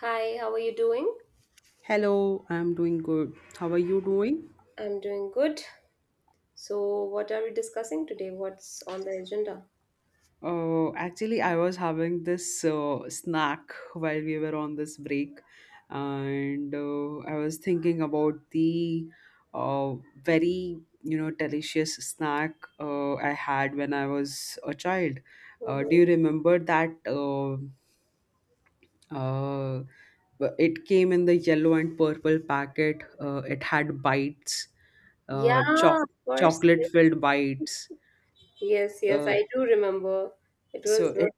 Hi, how are you doing? Hello, I'm doing good. How are you doing? I'm doing good. So, what are we discussing today? What's on the agenda? Actually, I was having this snack while we were on this break, and I was thinking about the uh, very, delicious snack I had when I was a child. Do you Mm-hmm. remember that? Uh, it came in the yellow and purple packet. It had bites, Yeah, uh, choc of course. chocolate filled bites. Yes, yes, uh, I do remember. It So was. It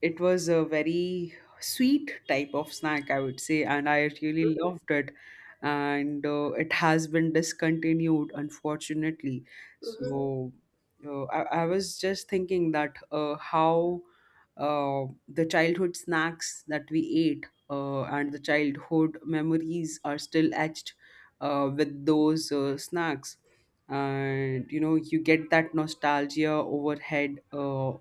it was a very sweet type of snack, I would say, and I really loved it. And it has been discontinued, unfortunately. Mm-hmm, So I was just thinking that how the childhood snacks that we ate and the childhood memories are still etched with those snacks, and you know you get that nostalgia overhead,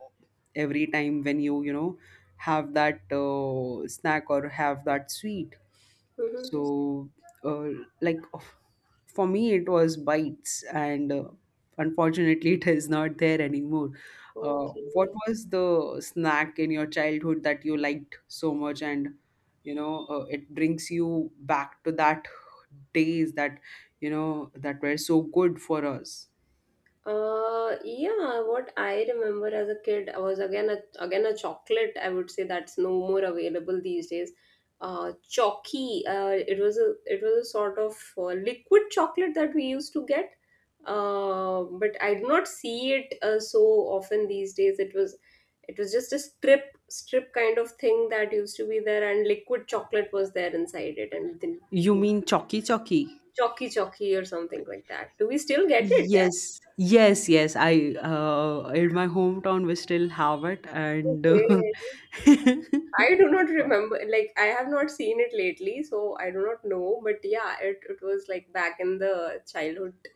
every time when you know have that snack or have that sweet. mm-hmm. So uh, like of- for me it was bites, and unfortunately, it is not there anymore. uh, what Okay. was the snack in your childhood that you liked so much, and you know it brings you back to that days, that you know that were so good for us? Yeah, what I remember as a kid was again a chocolate. I would say that's no more available these days. Chalky. It was a sort of liquid chocolate that we used to get. But I do not see it so often these days. It was just a strip kind of thing that used to be there, and liquid chocolate was there inside it, and then You mean Chalky Chalky? chalky chalky or something like that. Do we still get it? Yes, yes, yes. I in my hometown we still have it, and Okay. I do not remember, like, I have not seen it lately, so I do not know. But yeah, it was like back in the childhood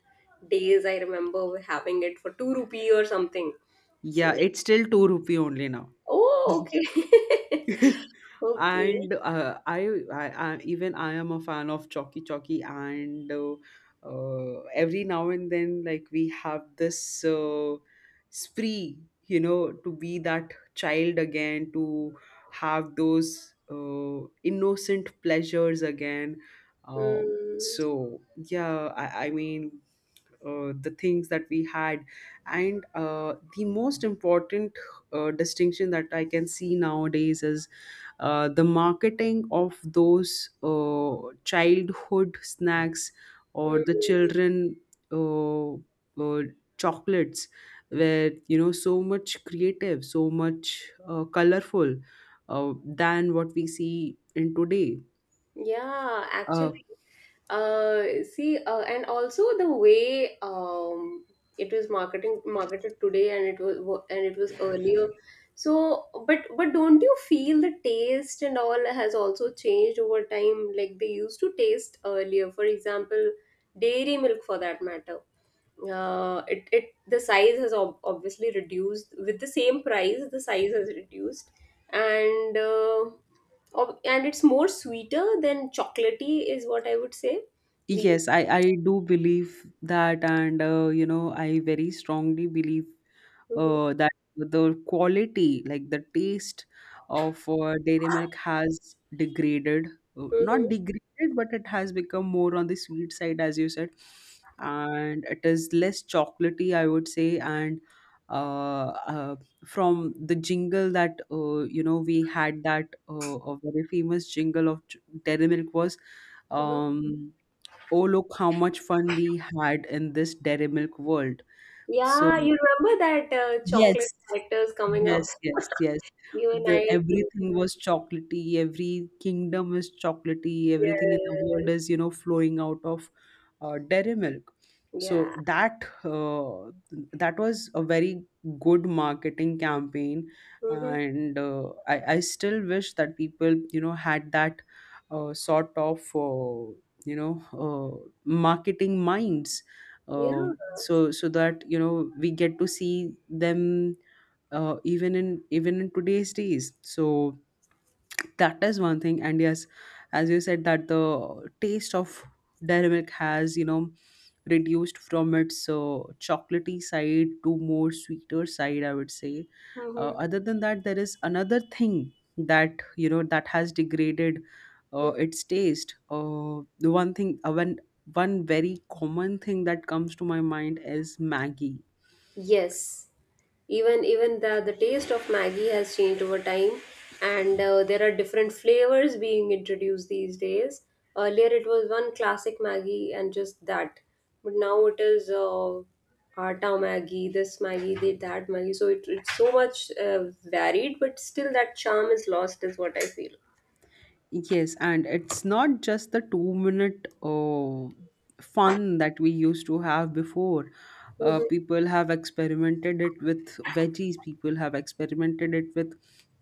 days, I remember having it for two rupee or something. So, yeah, it's still 2 rupee only now. oh, okay. Okay. And I even I am a fan of Chalky Chalky, and every now and then, like we have this spree, you know, to be that child again, to have those innocent pleasures again. Um, Hmm. so yeah, I, I mean, the things that we had, and the most important distinction that I can see nowadays is the marketing of those uh, childhood snacks, or the Hmm. children uh, uh, chocolates, where you know so much creative, so much colorful than what we see in today. Yeah, Uh, actually, see, and also the way it was marketing marketed today, and it was wa- and it was earlier. So, but don't you feel the taste and all has also changed over time? Like they used to taste earlier. For example, dairy milk, for that matter. It the size has ob obviously reduced with the same price. The size has reduced, and it's more sweeter than chocolatey is what I would say. These. Yes, I do believe that, and you know, I very strongly believe Mhm, that the quality, like the taste of dairy milk has degraded. Not mhm, degraded, but it has become more on the sweet side, as you said, and it is less chocolatey, I would say. And uh, uh, from the jingle that you know we had, that a very famous jingle of dairy milk was. mhm. Um, oh look how much fun we had in this dairy milk world. So Yeah, you remember that chocolate yes, characters coming yes, up. yes, yes. You and The I. everything was chocolatey. Every kingdom is chocolatey. Everything in the world Yes. is, you know, flowing out of dairy milk. So Yeah. that that was a very good marketing campaign, Hmm. and uh, I still wish that people, you know, had that sort of marketing minds. Yeah. Uh, so that you know we get to see them even in today's days. So that is one thing, and yes, as you said that the taste of dairy milk has you know reduced from its chocolatey side to more sweeter side, I would say. Hmm. Other than that, there is another thing that you know that has degraded its taste. The one very common thing that comes to my mind is Maggie. Yes, even even the taste of Maggie has changed over time, and there are different flavors being introduced these days. Earlier, it was one classic Maggie and just that, but now it is Atta Maggie, this Maggie, they, that Maggie. So it's so much varied, but still that charm is lost, is what I feel. Yes, and it's not just the 2 minute fun that we used to have before. Mm-hmm. People have experimented it with veggies, people have experimented it with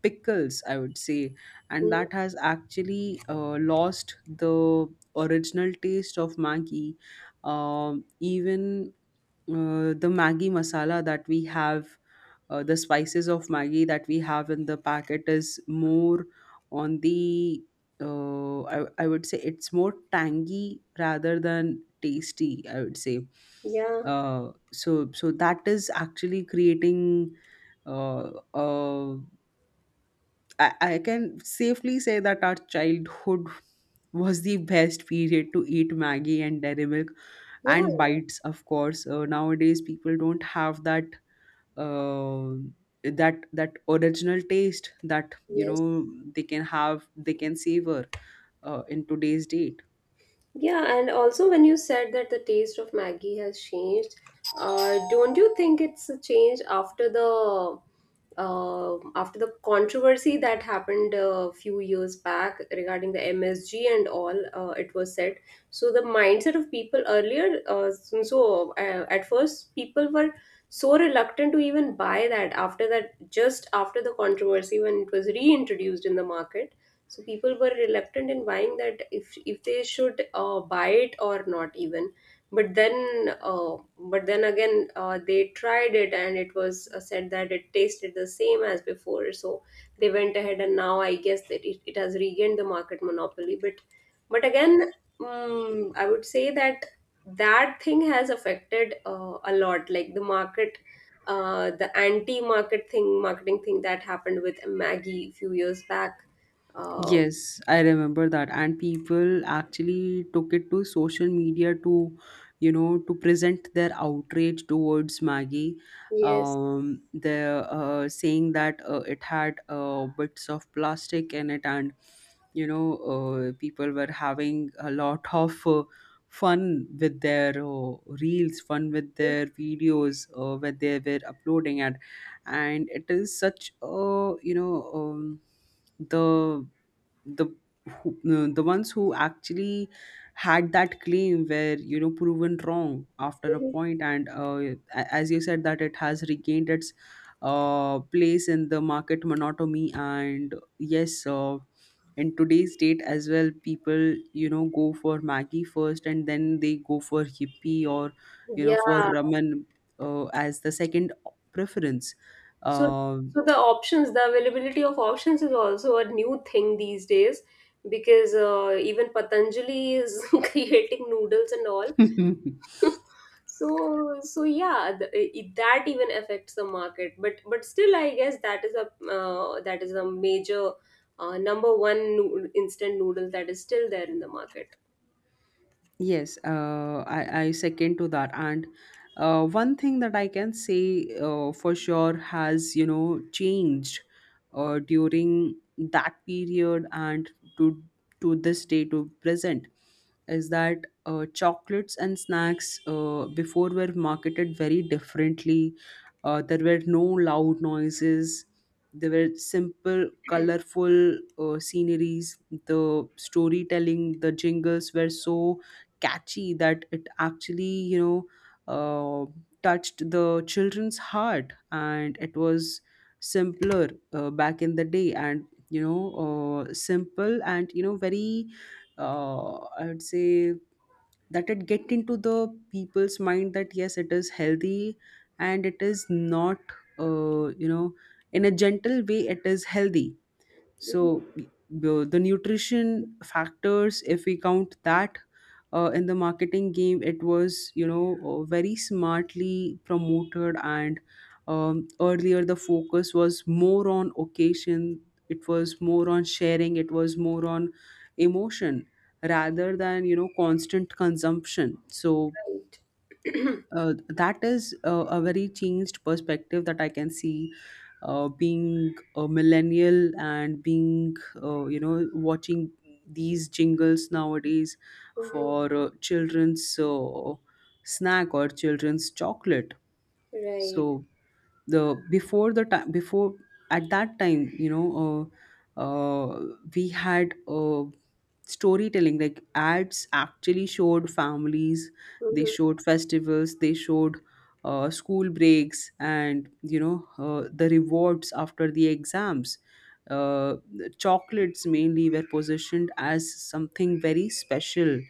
pickles, I would say. And that has actually lost the original taste of Maggi. Even the Maggi masala that we have, the spices of Maggi that we have in the packet, is more on the I would say it's more tangy rather than tasty, I would say. Yeah, So that is actually creating uh, I can safely say that our childhood was the best period to eat Maggi and Dairy Milk yeah, and bites, of course. Nowadays, people don't have that uh, original taste that you yes. know they can have, they can savor in today's date. Yeah, and also when you said that the taste of Maggie has changed, don't you think it's a change after the controversy that happened a few years back regarding the MSG and all? It was said. So the mindset of people earlier, at first people were so reluctant to even buy that after that just after the controversy when it was reintroduced in the market, so people were reluctant in buying that if they should buy it or not even. But then again they tried it and it was said that it tasted the same as before, so they went ahead and now I guess that it has regained the market monopoly, but again, I would say that that thing has affected a lot, like the market, the anti market thing marketing thing that happened with Maggie a few years back, uh, Yes, I remember that. And people actually took it to social media to, you know, to present their outrage towards Maggie. yes. They're saying that it had bits of plastic in it, and you know, people were having a lot of fun with their reels, fun with their videos where they were uploading at, and it is such a, you know, the the who, the ones who actually had that claim were you know proven wrong after a point, and as you said that it has regained its place in the market monotony. And yes, in today's date as well, people you know go for Maggie first, and then they go for hippie or you know Yeah. for ramen as the second preference. So, uh, so the options, the availability of options is also a new thing these days, because even Patanjali is creating noodles and all. So, so yeah, that even affects the market. But still, I guess that is a major instant noodle that is still there in the market. Yes, I second to that. And one thing that I can say for sure has, you know, changed during that period, and to to this day, to present, is that chocolates and snacks before were marketed very differently. There were no loud noises. There were simple, colorful sceneries. The storytelling, the jingles were so catchy that it actually you know uh, touched the children's heart, and it was simpler back in the day. And you know simple, and you know very uh, I would say that it get into the people's mind, that yes it is healthy, and it is not you know, in a gentle way it is healthy. Mhm. So the nutrition factors, if we count that in the marketing game, it was you know very smartly promoted. And earlier the focus was more on occasion, it was more on sharing, it was more on emotion, rather than you know constant consumption. so Right. uh, that is a very changed perspective that I can see, being a millennial, and being you know watching these jingles nowadays Mhm. for children's snack or children's chocolate. Right. So the before the time before at that time you know we had storytelling like ads, actually showed families, they Mhm. showed festivals, they showed school breaks, and you know the rewards after the exams. The chocolates mainly were positioned as something very special,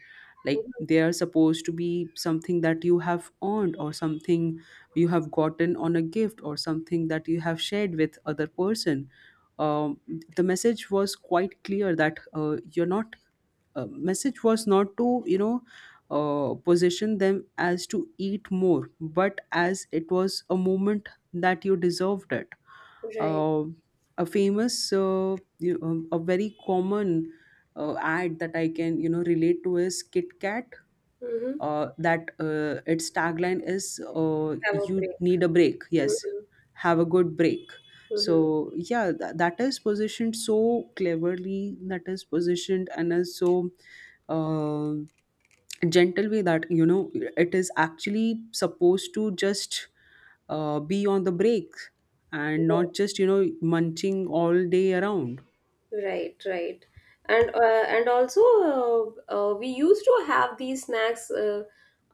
like Mhm. they are supposed to be something that you have earned, or something you have gotten on a gift, or something that you have shared with other person. Um, the message was quite clear, that you're not message was not to you know position them as to eat more, but as it was a moment that you deserved it. Right. Um a famous a very common ad that I can you know relate to is Kit Kat, Mhm. That its tagline is Have a you break. need a break. Yes, Mhm. have a good break. So yeah, that is positioned so cleverly, that is positioned and is so uh, gentle way, that you know it is actually supposed to just be on the break, and not Mhm. just you know munching all day around. Right, right, and also we used to have these snacks uh,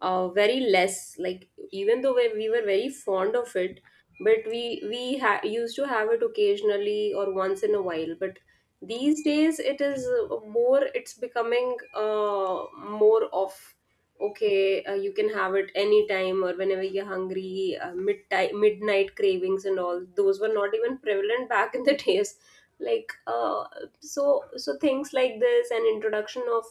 uh, very less. Like even though we were very fond of it, but we used to have it occasionally or once in a while. But these days it is more. It's becoming more of okay. You can have it anytime or whenever you're hungry. Midnight cravings and all those were not even prevalent back in the days, like uh, so so things like this and introduction of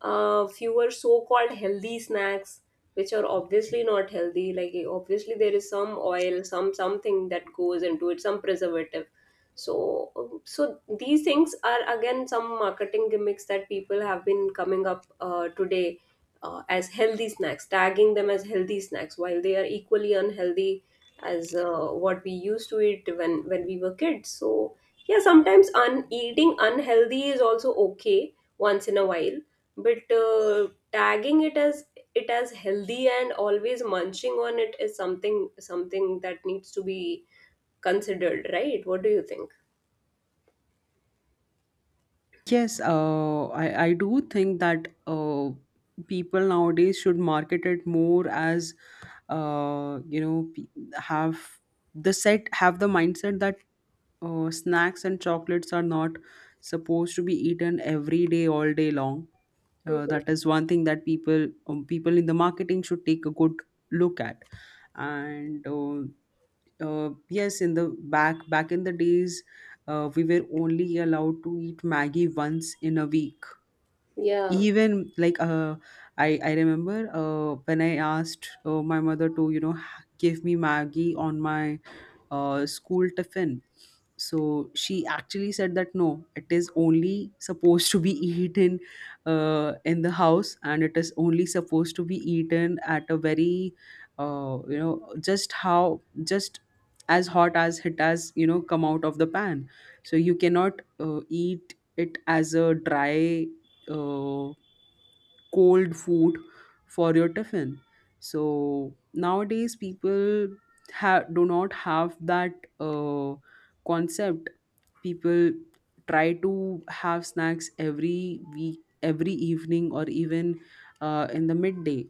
fewer so-called healthy snacks, which are obviously not healthy, like obviously there is some oil, some something that goes into it, some preservative. So so these things are again some marketing gimmicks that people have been coming up today, as healthy snacks, tagging them as healthy snacks while they are equally unhealthy as what we used to eat when we were kids. So yeah, sometimes eating unhealthy is also okay once in a while, but tagging it as healthy and always munching on it is something, something that needs to be considered, right? What do you think? Yes, I do think that people nowadays should market it more as, uh, you know, pe- have the set, have the mindset that snacks and chocolates are not supposed to be eaten every day, all day long. Hmm. That is one thing that people people in the marketing should take a good look at. And yes, in the back in the days, we were only allowed to eat Maggie once in a week, Yeah. even like uh, I remember when I asked my mother to you know give me Maggie on my school tiffin. So she actually said that no, it is only supposed to be eaten in the house, and it is only supposed to be eaten at a very you know just how just as hot as it has you know come out of the pan. So you cannot eat it as a dry uh, cold food for your tiffin. So nowadays, people do not have that uh, concept. People try to have snacks every week, every evening, or even in the midday.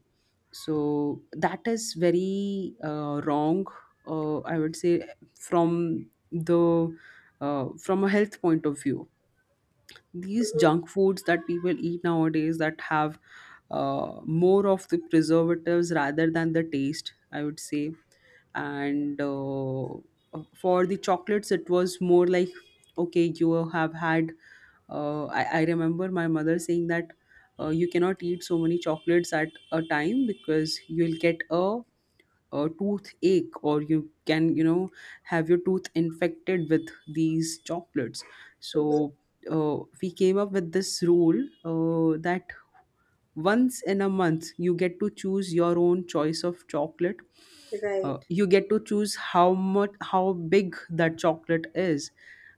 So that is very wrong. I would say, from the from a health point of view, these Hmm. junk foods that people eat nowadays that have more of the preservatives rather than the taste, I would say. And for the chocolates, it was more like, okay, you have had. I remember my mother saying that you cannot eat so many chocolates at a time, because you'll get a tooth, or you can, you know, have your tooth infected with these chocolates. Hmm. So we came up with this rule that once in a month, you get to choose your own choice of chocolate. Right. You get to choose how much, how big that chocolate is,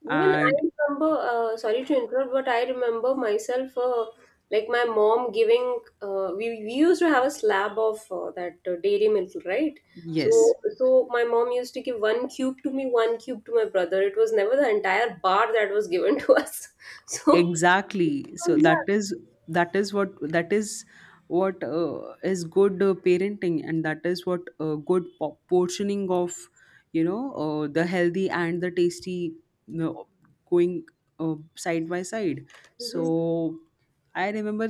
Even I and remember, sorry to interrupt, but I remember myself, like my mom giving, we used to have a slab of that dairy milk, right? yes, So, so my mom used to give one cube to me, one cube to my brother. It was never the entire bar that was given to us. So, exactly, oh, so yeah. that is what is good parenting, and that is what portioning of the healthy and the tasty, you know, going side by side. Mhm, So I remember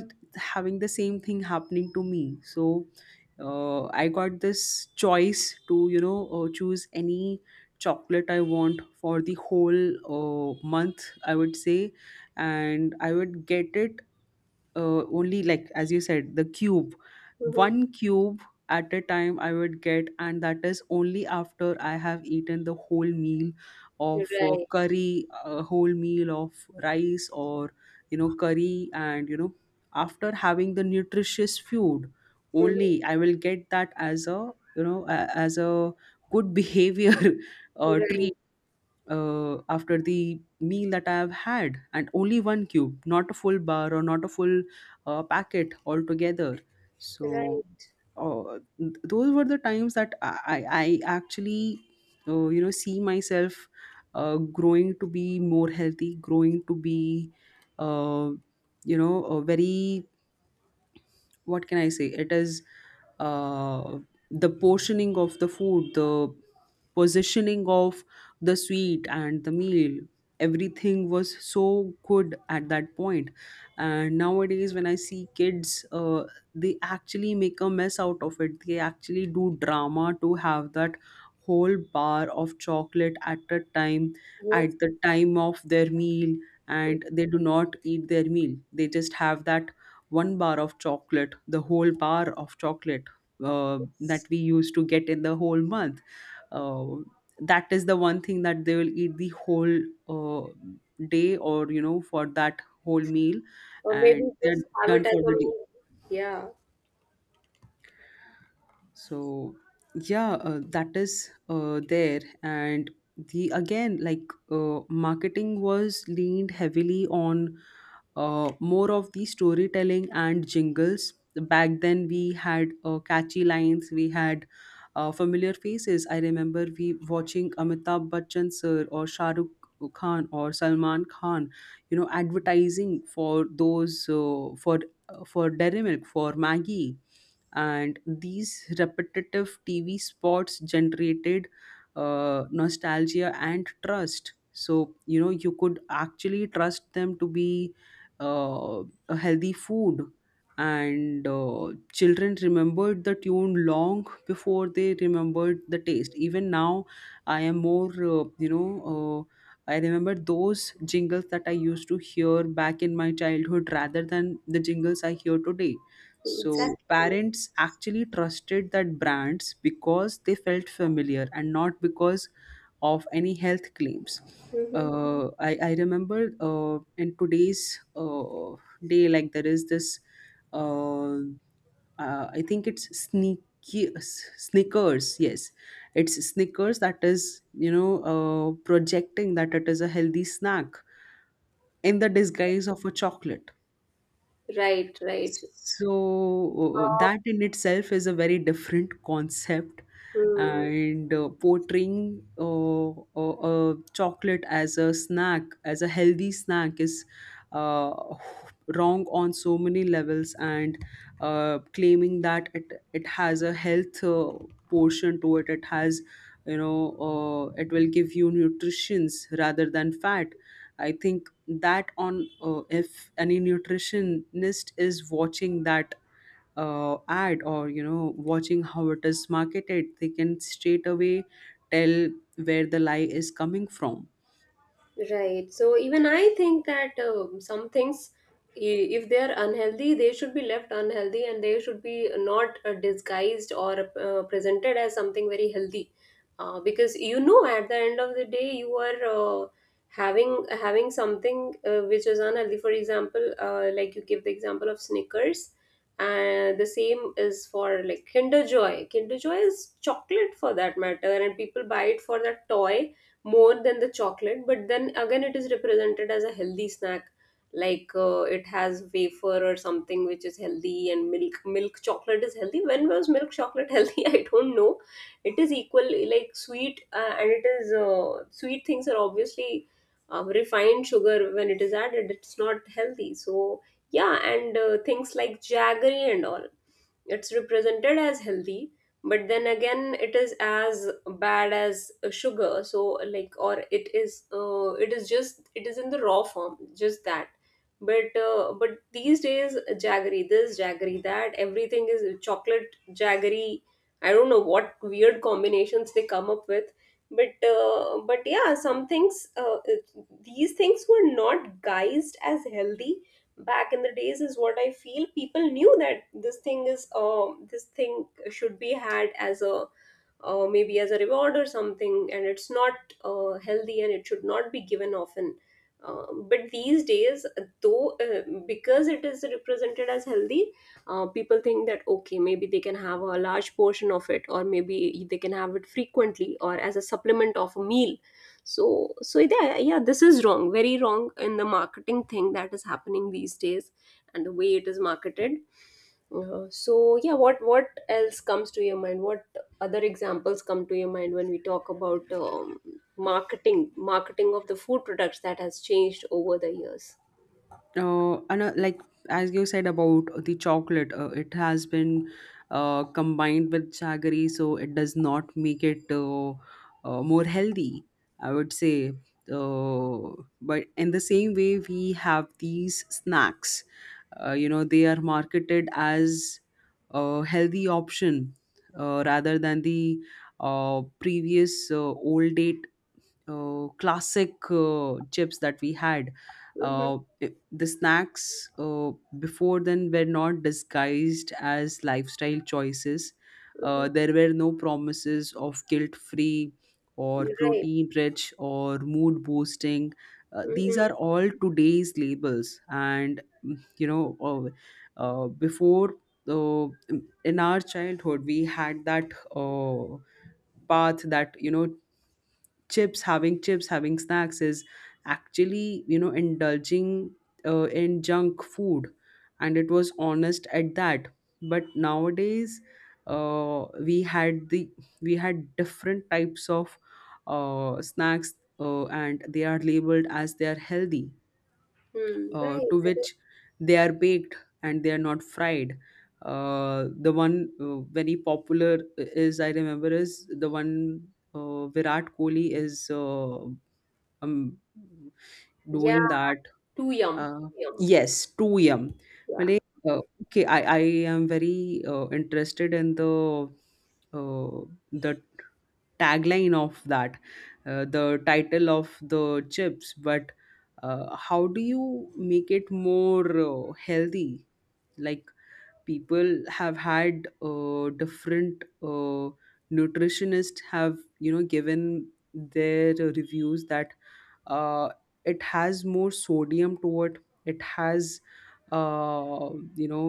having the same thing happening to me. So I got this choice to, choose any chocolate I want for the whole month, I would say, and I would get it only, like as you said, the cube, mhm, one cube at a time I would get, and that is only after I have eaten the whole meal of right, curry, a whole meal of rice, or, you know, curry, and, you know, after having the nutritious food, mhm, only I will get that as a, as a good behavior treat right, after the meal that I have had, and only one cube, not a full bar or not a full packet altogether. So, right. Those were the times that I actually, you know, see myself growing to be more healthy, growing to be, uh, you know, a very, what can I say? It is, uh, the portioning of the food, the positioning of the sweet and the meal. Everything was so good at that point. And nowadays, when I see kids, they actually make a mess out of it. They actually do drama to have that whole bar of chocolate at a time, Yes, at the time of their meal, and they do not eat their meal. They just have that one bar of chocolate, the whole bar of chocolate that yes. we used to get in the whole month. Uh, that is the one thing that they will eat the whole uh, day or, you know, for that whole meal, Or maybe and they're just have done it as for a the day. meal. Yeah, So yeah, that is there. And the again like marketing was leaned heavily on more of the storytelling and jingles. Back then we had catchy lines, we had familiar faces. I remember we watching Amitabh Bachchan sir or Shahrukh Khan or Salman Khan, you know, advertising for those, for Dairy Milk, for Maggie, and these repetitive TV spots generated nostalgia and trust. So, you know, you could actually trust them to be uh, a healthy food. And children remembered the tune long before they remembered the taste. Even now, I am more, I remember those jingles that I used to hear back in my childhood rather than the jingles I hear today. So exactly. parents actually trusted that brands because they felt familiar and not because of any health claims. Hmm. I remember in today's day, like there is this, I think it's Snickers, yes. It's Snickers that is, you know, projecting that it is a healthy snack in the disguise of a chocolate. Right, right. So that in itself is a very different concept, Hmm. and portraying chocolate as a snack, as a healthy snack, is uh, wrong on so many levels. And claiming that it has a health portion to it, it has, you know, it will give you nutritions rather than fat. I think that on, if any nutritionist is watching that ad or, you know, watching how it is marketed, they can straight away tell where the lie is coming from. Right. So even I think that some things, if they are unhealthy, they should be left unhealthy and they should be not disguised or presented as something very healthy. Because you know, at the end of the day, you are having having something which is unhealthy. For example, like you give the example of Snickers, and the same is for like Kinder Joy. Kinder Joy is chocolate for that matter, and people buy it for that toy more than the chocolate, but then again it is represented as a healthy snack. It has wafer or something which is healthy, and milk chocolate is healthy. When was milk chocolate healthy? I don't know. It is equal, like sweet, and it is, sweet things are obviously refined sugar. When it is added, it's not healthy. So yeah, and things like jaggery and all, it's represented as healthy, but then again, it is as bad as sugar. So, like, or it is just, it is in the raw form, just that. But these days, jaggery, this jaggery, that, everything is chocolate jaggery. I don't know what weird combinations they come up with, but yeah, some things these things were not guised as healthy back in the days, is what I feel. People knew that this thing is, this thing should be had as a maybe as a reward or something, and it's not healthy and it should not be given often. But these days, though, because it is represented as healthy, people think that okay, maybe they can have a large portion of it, or maybe they can have it frequently or as a supplement of a meal. So so yeah, yeah, this is wrong, very wrong, in the marketing thing that is happening these days and the way it is marketed. Uh-huh. So yeah, what else comes to your mind? What other examples come to your mind when we talk about marketing, marketing of the food products that has changed over the years? And like as you said about the chocolate, it has been combined with jaggery, so it does not make it more healthy, I would say. uh, but in the same way, we have these snacks. You know, they are marketed as a healthy option rather than the previous, old date, classic chips that we had. Mm-hmm. The snacks before then were not disguised as lifestyle choices. Mm-hmm. There were no promises of guilt free or You're right. protein rich or mood boosting. These Mm-hmm. are all today's labels. And, you know, before, uh, in our childhood, we had that path that, you know, chips having snacks is actually, you know, indulging in junk food, and it was honest at that. But nowadays, uh, we had the we had different types of snacks, and they are labeled as they are healthy, Mm, right. to That which they are baked and they are not fried. The one very popular is, I remember, is the one Virat Kohli is, um, is, yeah. doing that, Too yum. Too uh, yum. yes, 2 a.m. Yeah. Malay, okay, I am very interested in the uh, the tagline of that, the title of the chips. But how do you make it more healthy? Like, people have had different nutritionists have, you know, given their reviews that uh, it has more sodium to it, it has, uh, you know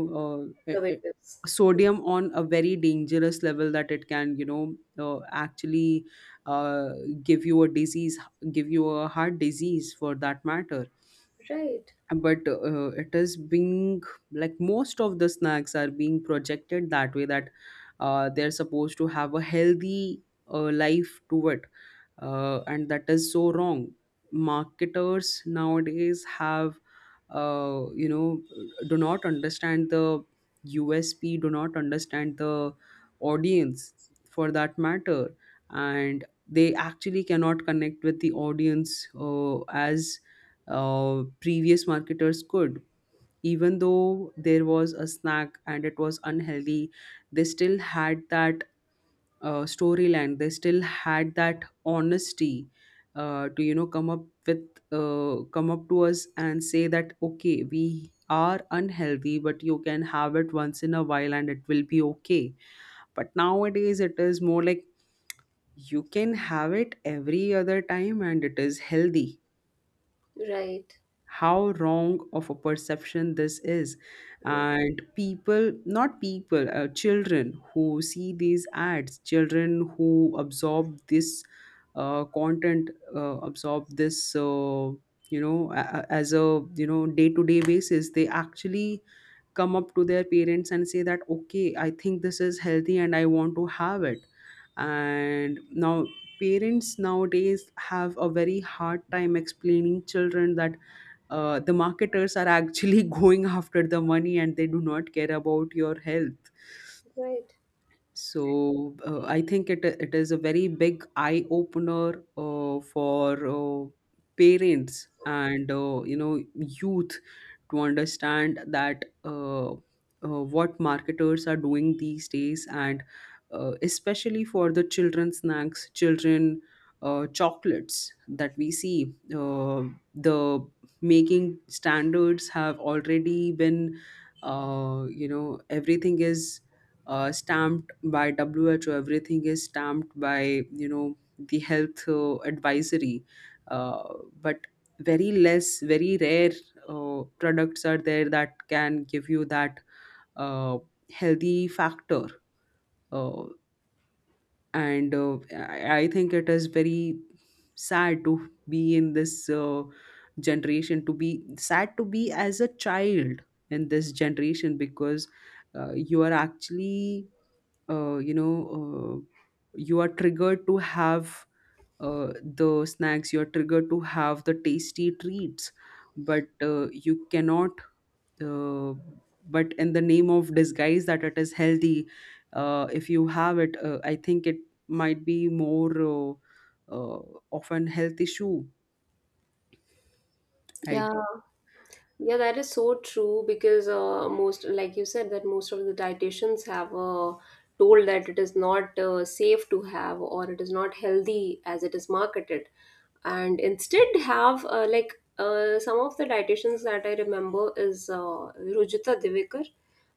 uh, So i- it i- is. sodium on a very dangerous level that it can, you know, actually uh, give you a disease, give you a heart disease for that matter. Right. But it is being, like most of the snacks are being projected that way, that they're supposed to have a healthy life to it, and that is so wrong. Marketers nowadays have, you know, do not understand the USP, do not understand the audience for that matter, and they actually cannot connect with the audience as previous marketers could. Even though there was a snack and it was unhealthy, they still had that storyline. They still had that honesty to, you know, come up to us and say that, okay, we are unhealthy, but you can have it once in a while and it will be okay. But nowadays, it is more like you can have it every other time and it is healthy. Right. How wrong of a perception this is! Yes. And people not people children who see these ads, children who absorb this content, absorb this, as a, you know, day to day basis, they actually come up to their parents and say that, okay, I think this is healthy and I want to have it. And now parents nowadays have a very hard time explaining children that the marketers are actually going after the money and they do not care about your health. Right. So I think it is a very big eye opener for parents and, you know, youth to understand that what marketers are doing these days, and especially for the children snacks, children chocolates that we see. The making standards have already been, you know, everything is stamped by WHO. Everything is stamped by, you know, the health advisory, uh, but very less, very rare products are there that can give you that uh, healthy factor. Uh, and I think it is very sad to be in this generation, to be sad to be as a child in this generation, because you are actually, uh, you know uh, you are triggered to have uh, the snacks, you are triggered to have the tasty treats, but you cannot, uh, but in the name of disguise that it is healthy, if you have it, I think it might be more, uh, of an health issue, I Yeah. think. Yeah, that is so true, because most, like you said, that most of the dietitians have told that it is not safe to have, or it is not healthy as it is marketed, and instead have some of the dietitians that I remember is Rujita Divekar.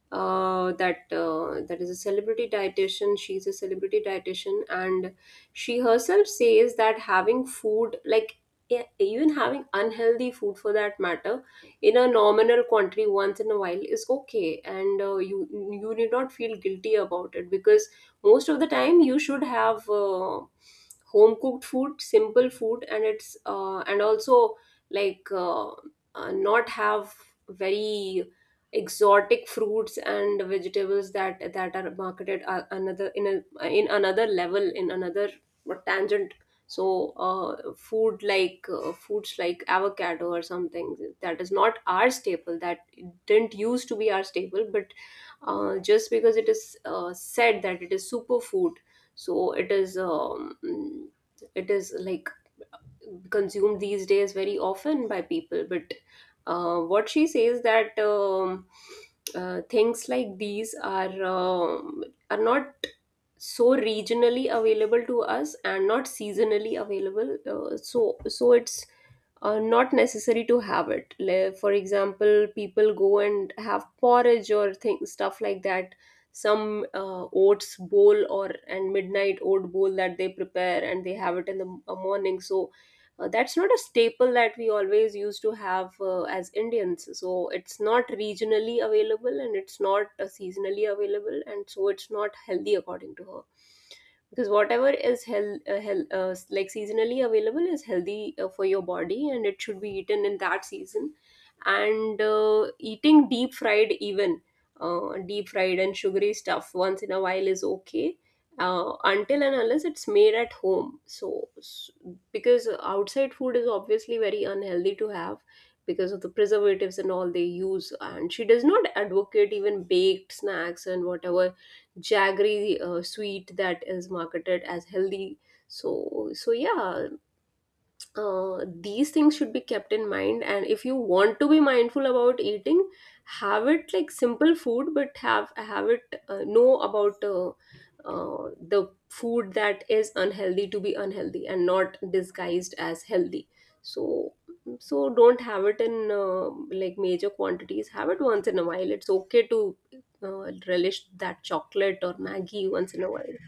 That is a celebrity dietitian. She's a celebrity dietitian, and she herself says that having food, like even having unhealthy food for that matter, in a nominal quantity once in a while is okay, and you you need not feel guilty about it, because most of the time you should have home cooked food, simple food. And it's and also like uh, not have very exotic fruits and vegetables that that are marketed another in a in another level, in another tangent. So foods like avocado or something, that is not our staple, that didn't used to be our staple, but just because it is said that it is superfood, so it is like consumed these days very often by people. But what she says that things like these are not so regionally available to us and not seasonally available, so so it's not necessary to have it. For example, people go and have porridge or things, stuff like that, some oats bowl or and midnight oat bowl that they prepare and they have it in the morning. So that's not a staple that we always used to have as Indians. So it's not regionally available and it's not seasonally available, and so it's not healthy according to her. Because whatever is seasonally available is healthy for your body, and it should be eaten in that season. And eating deep fried, even deep fried and sugary stuff once in a while, is okay until and unless it's made at home. So because outside food is obviously very unhealthy to have because of the preservatives and all they use, and she does not advocate even baked snacks and whatever jaggery sweet that is marketed as healthy. So so yeah, these things should be kept in mind, and if you want to be mindful about eating, have it like simple food, but have it, know about the food that is unhealthy to be unhealthy and not disguised as healthy. So so don't have it in like major quantities. Have it once in a while, it's okay to relish that chocolate or Maggie once in a while.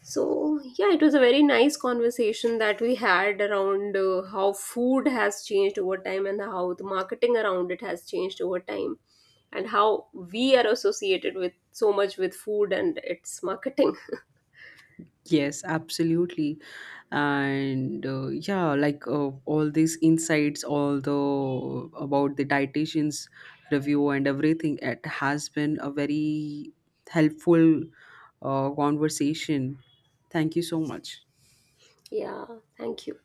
So, yeah, it was a very nice conversation that we had around how food has changed over time and how the marketing around it has changed over time, and how we are associated with so much with food and its marketing. Yes, absolutely. And yeah, like all these insights, all the, about the dietitians review and everything, it has been a very helpful conversation. Thank you so much. Yeah, thank you.